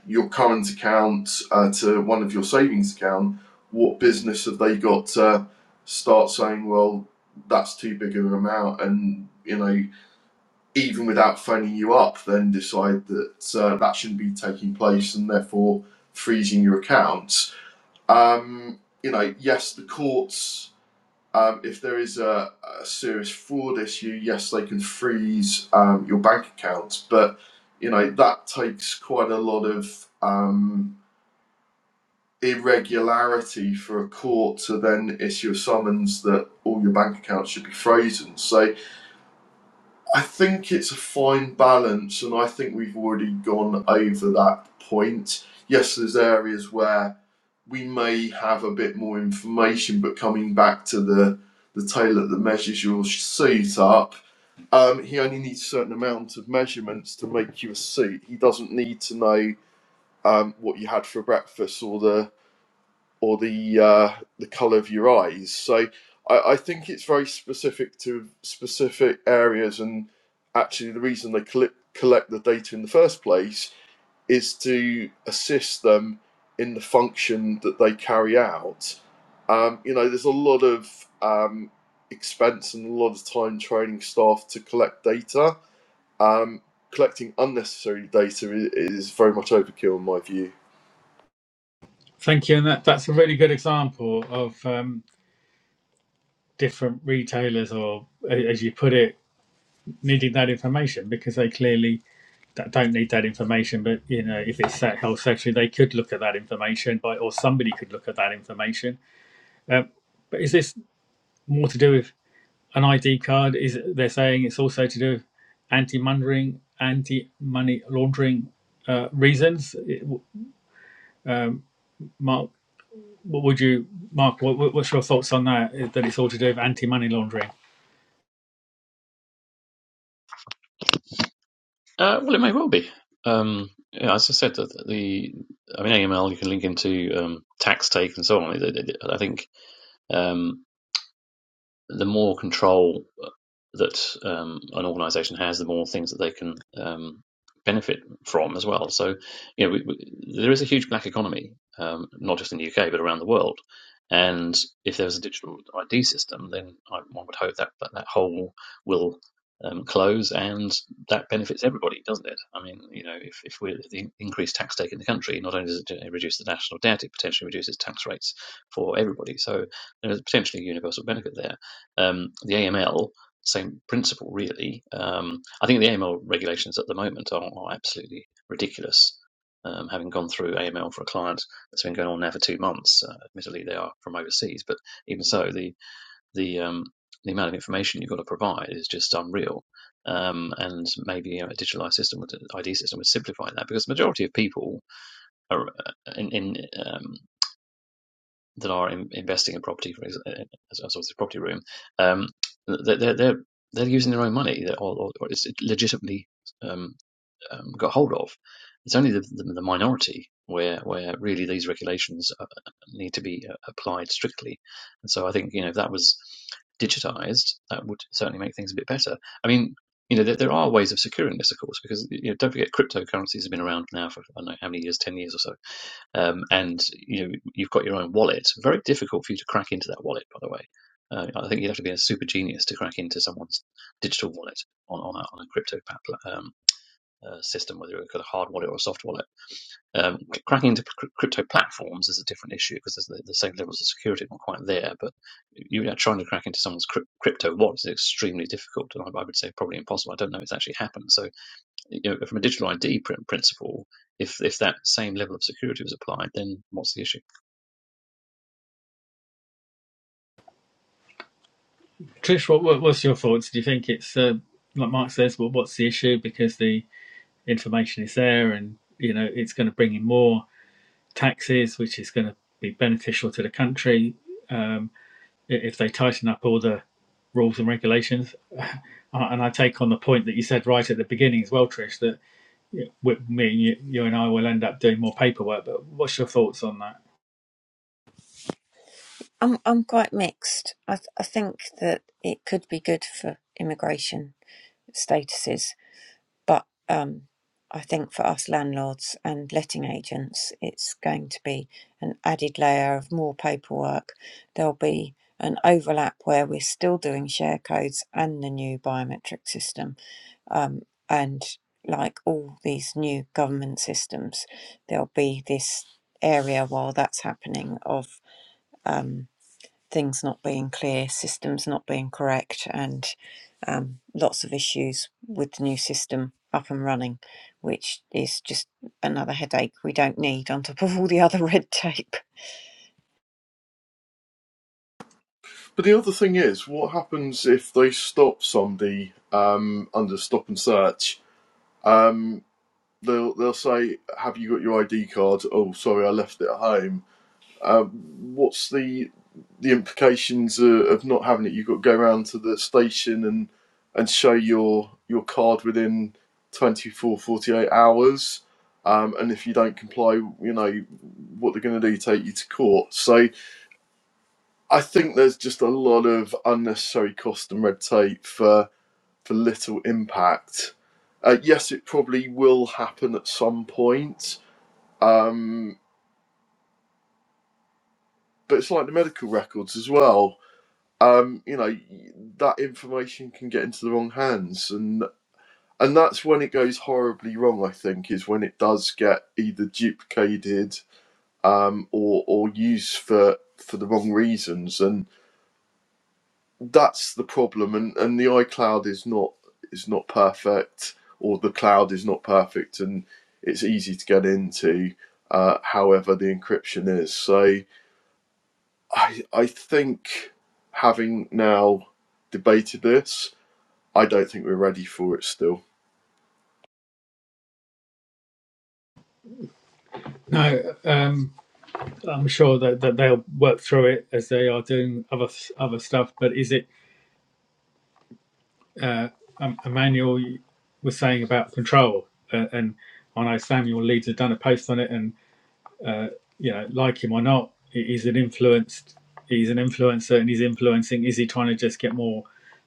your current account uh, to one of your savings account. What business have they got to start saying? Well, that's too big of an amount, and you know even without phoning you up, then decide that uh, that shouldn't be taking place and therefore freezing your account. Um, you know, yes, the courts, um, if there is a, a serious fraud issue, yes, they can freeze um, your bank accounts, but you know that takes quite a lot of um, irregularity for a court to then issue a summons that all your bank accounts should be frozen. So I think it's a fine balance, and I think we've already gone over that point. Yes, there's areas where we may have a bit more information, but coming back to the the tailor that measures your suit up, um, he only needs a certain amount of measurements to make you a suit. He doesn't need to know um, what you had for breakfast or the or the uh, the color of your eyes. So I, I think it's very specific to specific areas, and actually the reason they collect collect the data in the first place is to assist them in the function that they carry out. Um, you know, there's a lot of um, expense and a lot of time training staff to collect data. Um, collecting unnecessary data is very much overkill in my view. Thank you. And that, that's a really good example of um, different retailers, or as you put it, needing that information because they clearly don't need that information. But, you know, if it's that health secretary, they could look at that information, by, or somebody could look at that information. Um, but is this more to do with an ID card? Is They're saying it's also to do with anti money anti money laundering uh, reasons, um, Mark? What would you, Mark? What, what's your thoughts on that? eh, That it's all to do with anti-money laundering. Uh, well, it may well be. Um, yeah, as I said, that the I mean AML you can link into um, tax take and so on. I think. Um, the more control that um, an organization has, the more things that they can um, benefit from as well. So, you know, we, we, there is a huge black economy, um, not just in the UK, but around the world. And if there's a digital ID system, then I, one would hope that that, that hole will um, close and that benefits everybody, doesn't it? I mean, you know, if, if we the increased tax take in the country, not only does it reduce the national debt, it potentially reduces tax rates for everybody. So there's potentially a universal benefit there um, the AML, same principle really. Um, I think the AML regulations at the moment are, are absolutely ridiculous. Um, having gone through AML for a client that's been going on now for two months, uh, admittedly they are from overseas, but even so, the the um, the amount of information you've got to provide is just unreal. Um, and maybe you know, a digitalized system, with an ID system, would simplify that because the majority of people are uh, in, in um, that are in, investing in property, for example, as, well as the property room, um, they're, they're they're using their own money, they're- or, or, or it's legitimately um, um, got hold of. It's only the, the, the minority where where really these regulations uh, need to be uh, applied strictly. And so I think you know if that was digitized, that would certainly make things a bit better. I mean. You know, there, there are ways of securing this, of course, because you know, don't forget cryptocurrencies have been around now for I don't know how many years, ten years or so um, and you know you've got your own wallet. Very difficult for you to crack into that wallet, by the way. Uh, I think you'd have to be a super genius to crack into someone's digital wallet on on a, on a crypto um, uh, system, whether you've got a hard wallet or a soft wallet. Um, cracking into cr- crypto platforms is a different issue because there's the, the same levels of security not quite there. But you are trying to crack into someone's cryp- crypto wallet is extremely difficult, and I, I would say probably impossible. I don't know if it's actually happened. So you know, from a digital ID pr- principle, if if that same level of security was applied, then what's the issue? Trish, what, what what's your thoughts? Do you think it's uh, like Mark says? Well, what's the issue? Because the information is there, and you know it's going to bring in more taxes, which is going to be beneficial to the country um, if they tighten up all the rules and regulations. Uh, and I take on the point that you said right at the beginning as well, Trish, that with me, you, you and I will end up doing more paperwork. But what's your thoughts on that? I'm I'm quite mixed. I th- I think that it could be good for immigration statuses But um, I think for us landlords and letting agents, it's going to be an added layer of more paperwork. There'll be an overlap where we're still doing share codes and the new biometric system. Um, and like all these new government systems, there'll be this area while that's happening of um, things not being clear, systems not being correct, and um, lots of issues with the new system up and running, which is just another headache we don't need on top of all the other red tape. But the other thing is, what happens if they stop somebody um, under stop and search? Um, they'll they'll say, "Have you got your ID card?" Oh, sorry, I left it at home. What's the the implications uh, of not having it? You've got to go round to the station and and show your your card within 24 48 hours. Um, and if you don't comply, you know what they're going to do: take you to court. So I think there's just a lot of unnecessary cost and red tape for for little impact. Uh, yes, it probably will happen at some point, um, but it's like the medical records as well. Um, you know, that information can get into the wrong hands, and and that's when it goes horribly wrong. I think is when it does get either duplicated um, or or used for for the wrong reasons, and that's the problem and and the iCloud is not is not perfect or the cloud is not perfect and it's easy to get into uh, however the encryption is so I I think having now debated this I don't think we're ready for it still No, um, I'm sure that, that they'll work through it as they are doing other other stuff. But is it uh, um, Emmanuel was saying about control, uh, and I know Samuel Leeds had done a post on it, and you know, like him or not, he's an influenced, he's an influencer, and he's influencing. Is he trying to just get more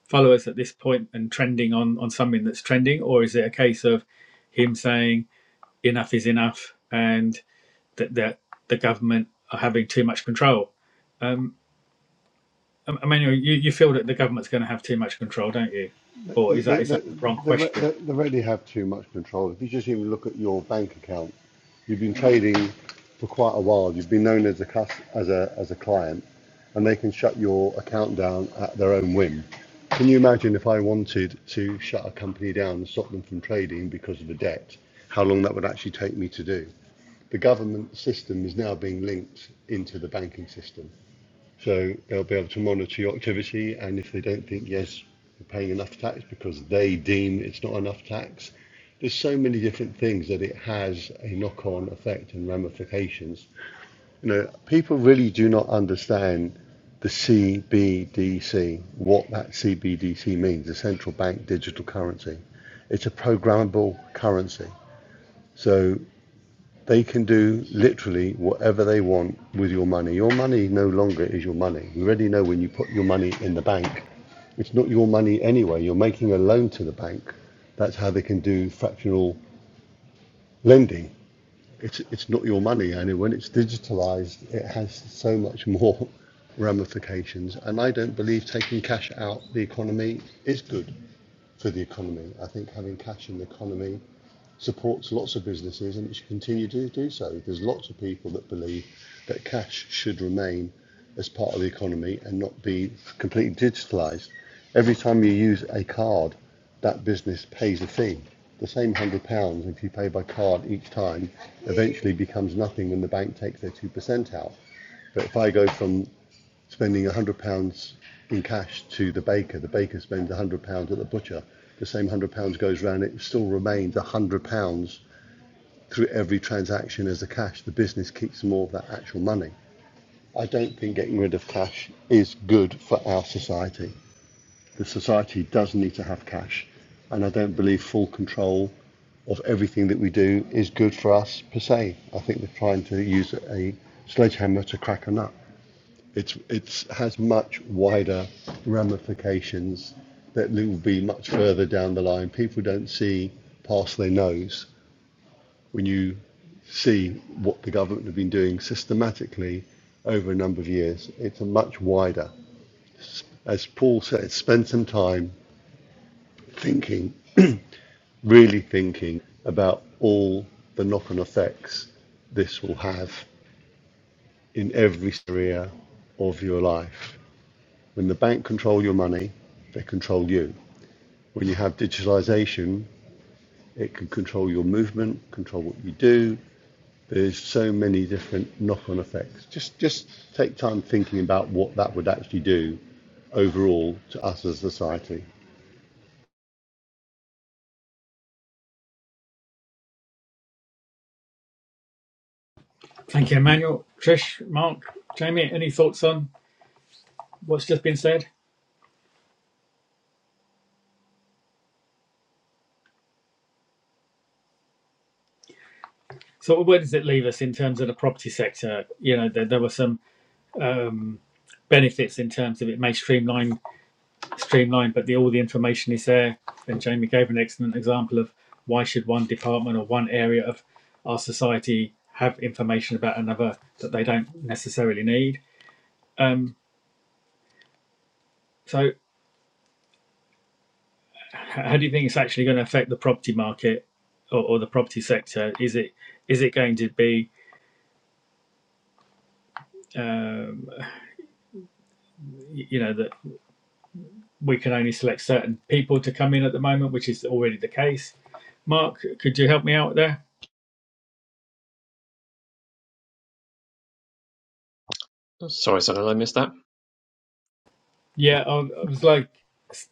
followers at this point and trending on on something that's trending, or is it a case of him saying enough is enough, and that that the government are having too much control? Um, Um, Emmanuel, you, you feel that the government's going to have too much control, don't you? Or is that They, is they, that the wrong they, question? they, they really have too much control. If you just even look at your bank account, you've been trading for quite a while. You've been known as a cus as a as a client, and they can shut your account down at their own whim. Can you imagine if I wanted to shut a company down and stop them from trading because of a debt? How long that would actually take me to do? The government system is now being linked into the banking system. So they'll be able to monitor your activity, and if they don't think, yes, you're paying enough tax because they deem it's not enough tax, there's so many different things that it has a knock on effect and ramifications. You know, people really do not understand the CBDC, what that CBDC means, the central bank digital currency. It's a programmable currency. So they can do literally whatever they want with your money. Your money no longer is your money. You already know when you put your money in the bank, it's not your money anyway. You're making a loan to the bank. That's how they can do fractional lending. It's it's not your money, and when it's digitalized, it has so much more ramifications. And I don't believe taking cash out the economy is good for the economy. I think having cash in the economy supports lots of businesses and it should continue to do so. There's lots of people that believe that cash should remain as part of the economy and not be completely digitalised. Every time you use a card, that business pays a fee. The same £100, if you pay by card each time, eventually becomes nothing when the bank takes their 2% out. But if I go from spending £100 in cash to the baker. The baker spends £100 at the butcher. The same £100 goes round. It still remains £100 through every transaction as the cash. The business keeps more of that actual money. I don't think getting rid of cash is good for our society. The society does need to have cash, and I don't believe full control of everything that we do is good for us per se. I think we're trying to use a sledgehammer to crack a nut. It's it's has much wider ramifications that will be much further down the line. People don't see past their nose when you see what the government have been doing systematically over a number of years. It's a much wider. As Paul said, spend some time thinking, really thinking about all the knock-on effects this will have in every area of your life. When the bank control your money, they control you. When you have digitalization, it can control your movement, control what you do. There's so many different knock-on effects. Just just take time thinking about what that would actually do overall to us as a society. Thank you, Emmanuel. Trish, Mark, Jamie, any thoughts on what's just been said? So where does it leave us in terms of the property sector? You know, there, there were some um, benefits in terms of it may streamline, streamline, but the, all the information is there. And Jamie gave an excellent example of why should one department or one area of our society have information about another that they don't necessarily need. Um, so How do you think it's actually going to affect the property market or, or the property sector? Is it is it going to be um, you know that we can only select certain people to come in at the moment, which is already the case? Mark, could you help me out there? Sorry, sir, did I miss that? Yeah, I, I was like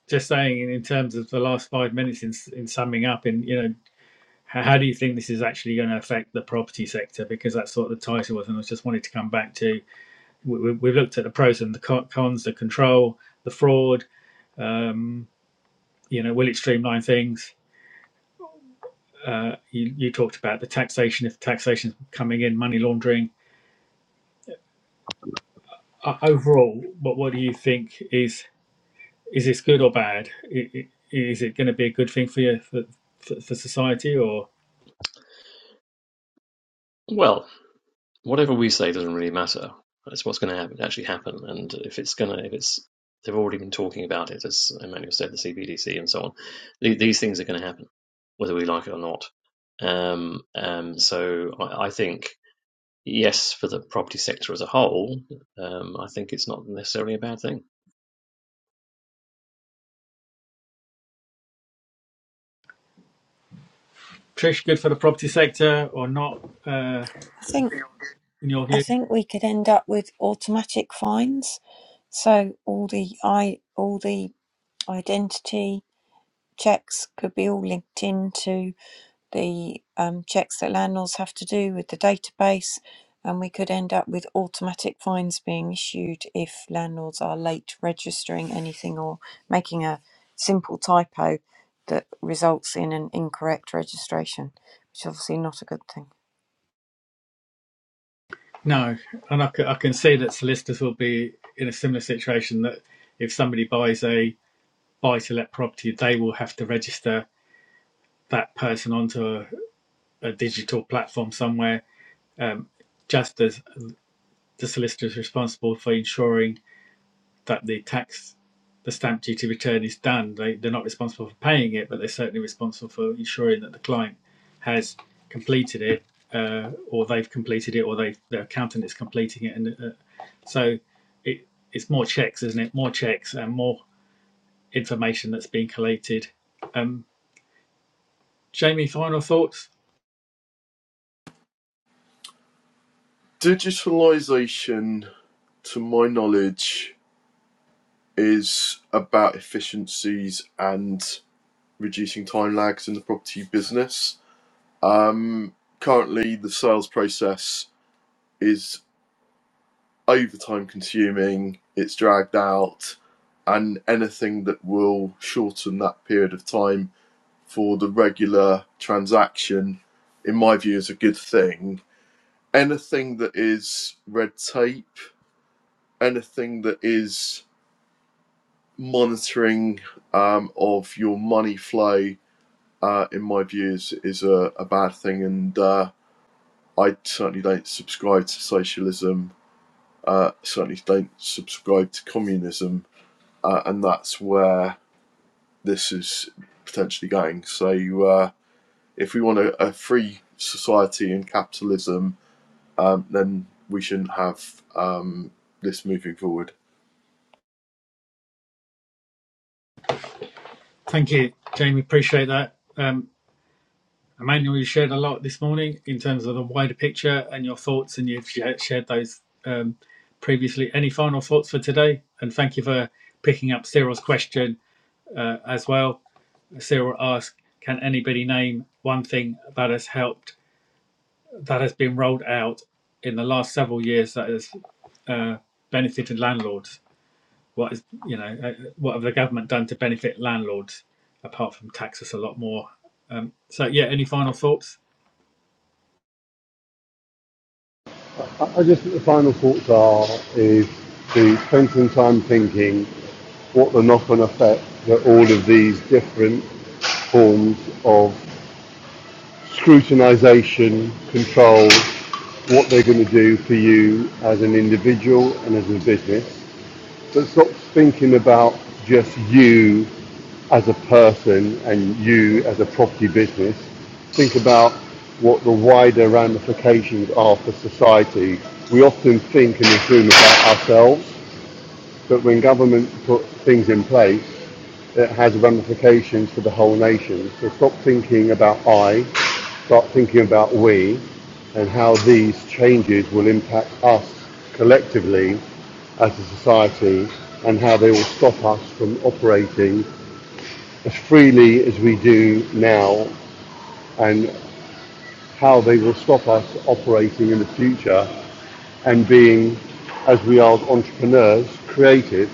just saying in terms of the last five minutes in, in summing up, and you know, how, how do you think this is actually going to affect the property sector? Because that's what the title was, and I just wanted to come back to. We, we, have looked at the pros and the cons, the control, the fraud, Um, you know, will it streamline things? Uh, you, you talked about the taxation, if taxation is coming in, money laundering. Uh, overall, what what do you think is is this good or bad? I- Is it going to be a good thing for you for, for, for society or Well, whatever we say doesn't really matter. That's what's going to happen, actually happen. And if it's going to, if it's, they've already been talking about it, as Emmanuel said, the CBDC and so on. The- These things are going to happen, whether we like it or not. Um, um, so I, I think, yes, for the property sector as a whole, um, I think it's not necessarily a bad thing. Trish? Good for the property sector or not? Uh, I think in your I view, think we could end up with automatic fines, so all the i all the identity checks could be all linked into the um, checks that landlords have to do with the database, and we could end up with automatic fines being issued if landlords are late registering anything or making a simple typo that results in an incorrect registration, which is obviously not a good thing. no. And I, c- I can see that solicitors will be in a similar situation. That if somebody buys a buy to let property, they will have to register that person onto a, a digital platform somewhere, um, just as the solicitor is responsible for ensuring that the tax, the stamp duty return is done. They, they're not responsible for paying it, but they're certainly responsible for ensuring that the client has completed it, uh, or they've completed it, or they their accountant is completing it. And uh, so it, it's more checks, isn't it? More checks and more information that's being collated. Um, Jamie, final thoughts? digitalization to my knowledge is about efficiencies and reducing time lags in the property business Um, currently, the sales process is overtime consuming, it's dragged out, and anything that will shorten that period of time for the regular transaction, in my view, is a good thing. Anything that is red tape, anything that is monitoring um, of your money flow, uh, in my view, is, is a, a bad thing. And uh, I certainly don't subscribe to socialism uh, certainly don't subscribe to communism, uh, and that's where this is potentially going. So, uh, if we want a, a free society and capitalism, um, then we shouldn't have um, this moving forward. Thank you, Jamie. Appreciate that. Um, Emmanuel, you shared a lot this morning in terms of the wider picture and your thoughts, and you've shared those um, previously. Any final thoughts for today? And thank you for picking up Cyril's question uh, as well. Cyril asked, "Can anybody name one thing that has helped that has been rolled out in the last several years that has uh, benefited landlords? What is you know uh, what have the government done to benefit landlords apart from tax us a lot more?" Um, so yeah, any final thoughts? I just think the final thoughts are is to spend some time thinking what the knock-on effect that all of these different forms of scrutinization, control, what they're going to do for you as an individual and as a business. But stop thinking about just you as a person and you as a property business. Think about what the wider ramifications are for society. We often think and assume about ourselves, but when government put things in place, it has ramifications for the whole nation. So stop thinking about I start thinking about we and how these changes will impact us collectively as a society and how they will stop us from operating as freely as we do now and how they will stop us operating in the future and being, as we are entrepreneurs, creative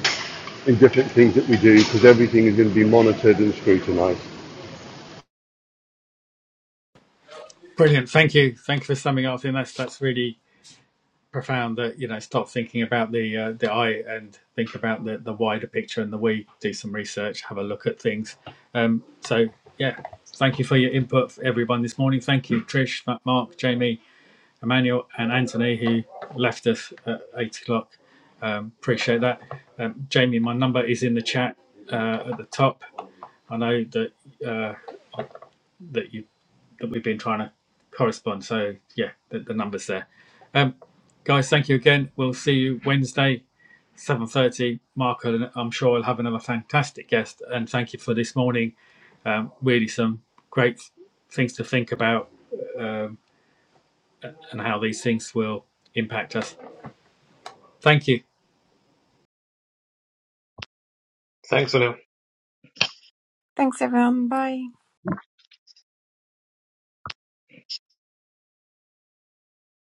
in different things that we do because everything is going to be monitored and scrutinized. Brilliant. Thank you. Thank you for summing up. And that's that's really profound. That you know, stop thinking about the uh, the I and think about the the wider picture and the we. Do some research. Have a look at things. Um, so yeah, thank you for your input, for everyone, this morning. Thank you, Trish, Mark, Jamie, Emmanuel, and Anthony, who left us at eight o'clock. Um, appreciate that. Um, Jamie, my number is in the chat uh, at the top. I know that uh, that you that we've been trying to correspond. So yeah, the, the numbers there. Um, guys, thank you again. We'll see you Wednesday, seven thirty. Marco, and I'm sure i will have another fantastic guest. And thank you for this morning. Um, really, some great things to think about um, and how these things will impact us. Thank you. Thanks, Anil. Thanks, everyone. Bye.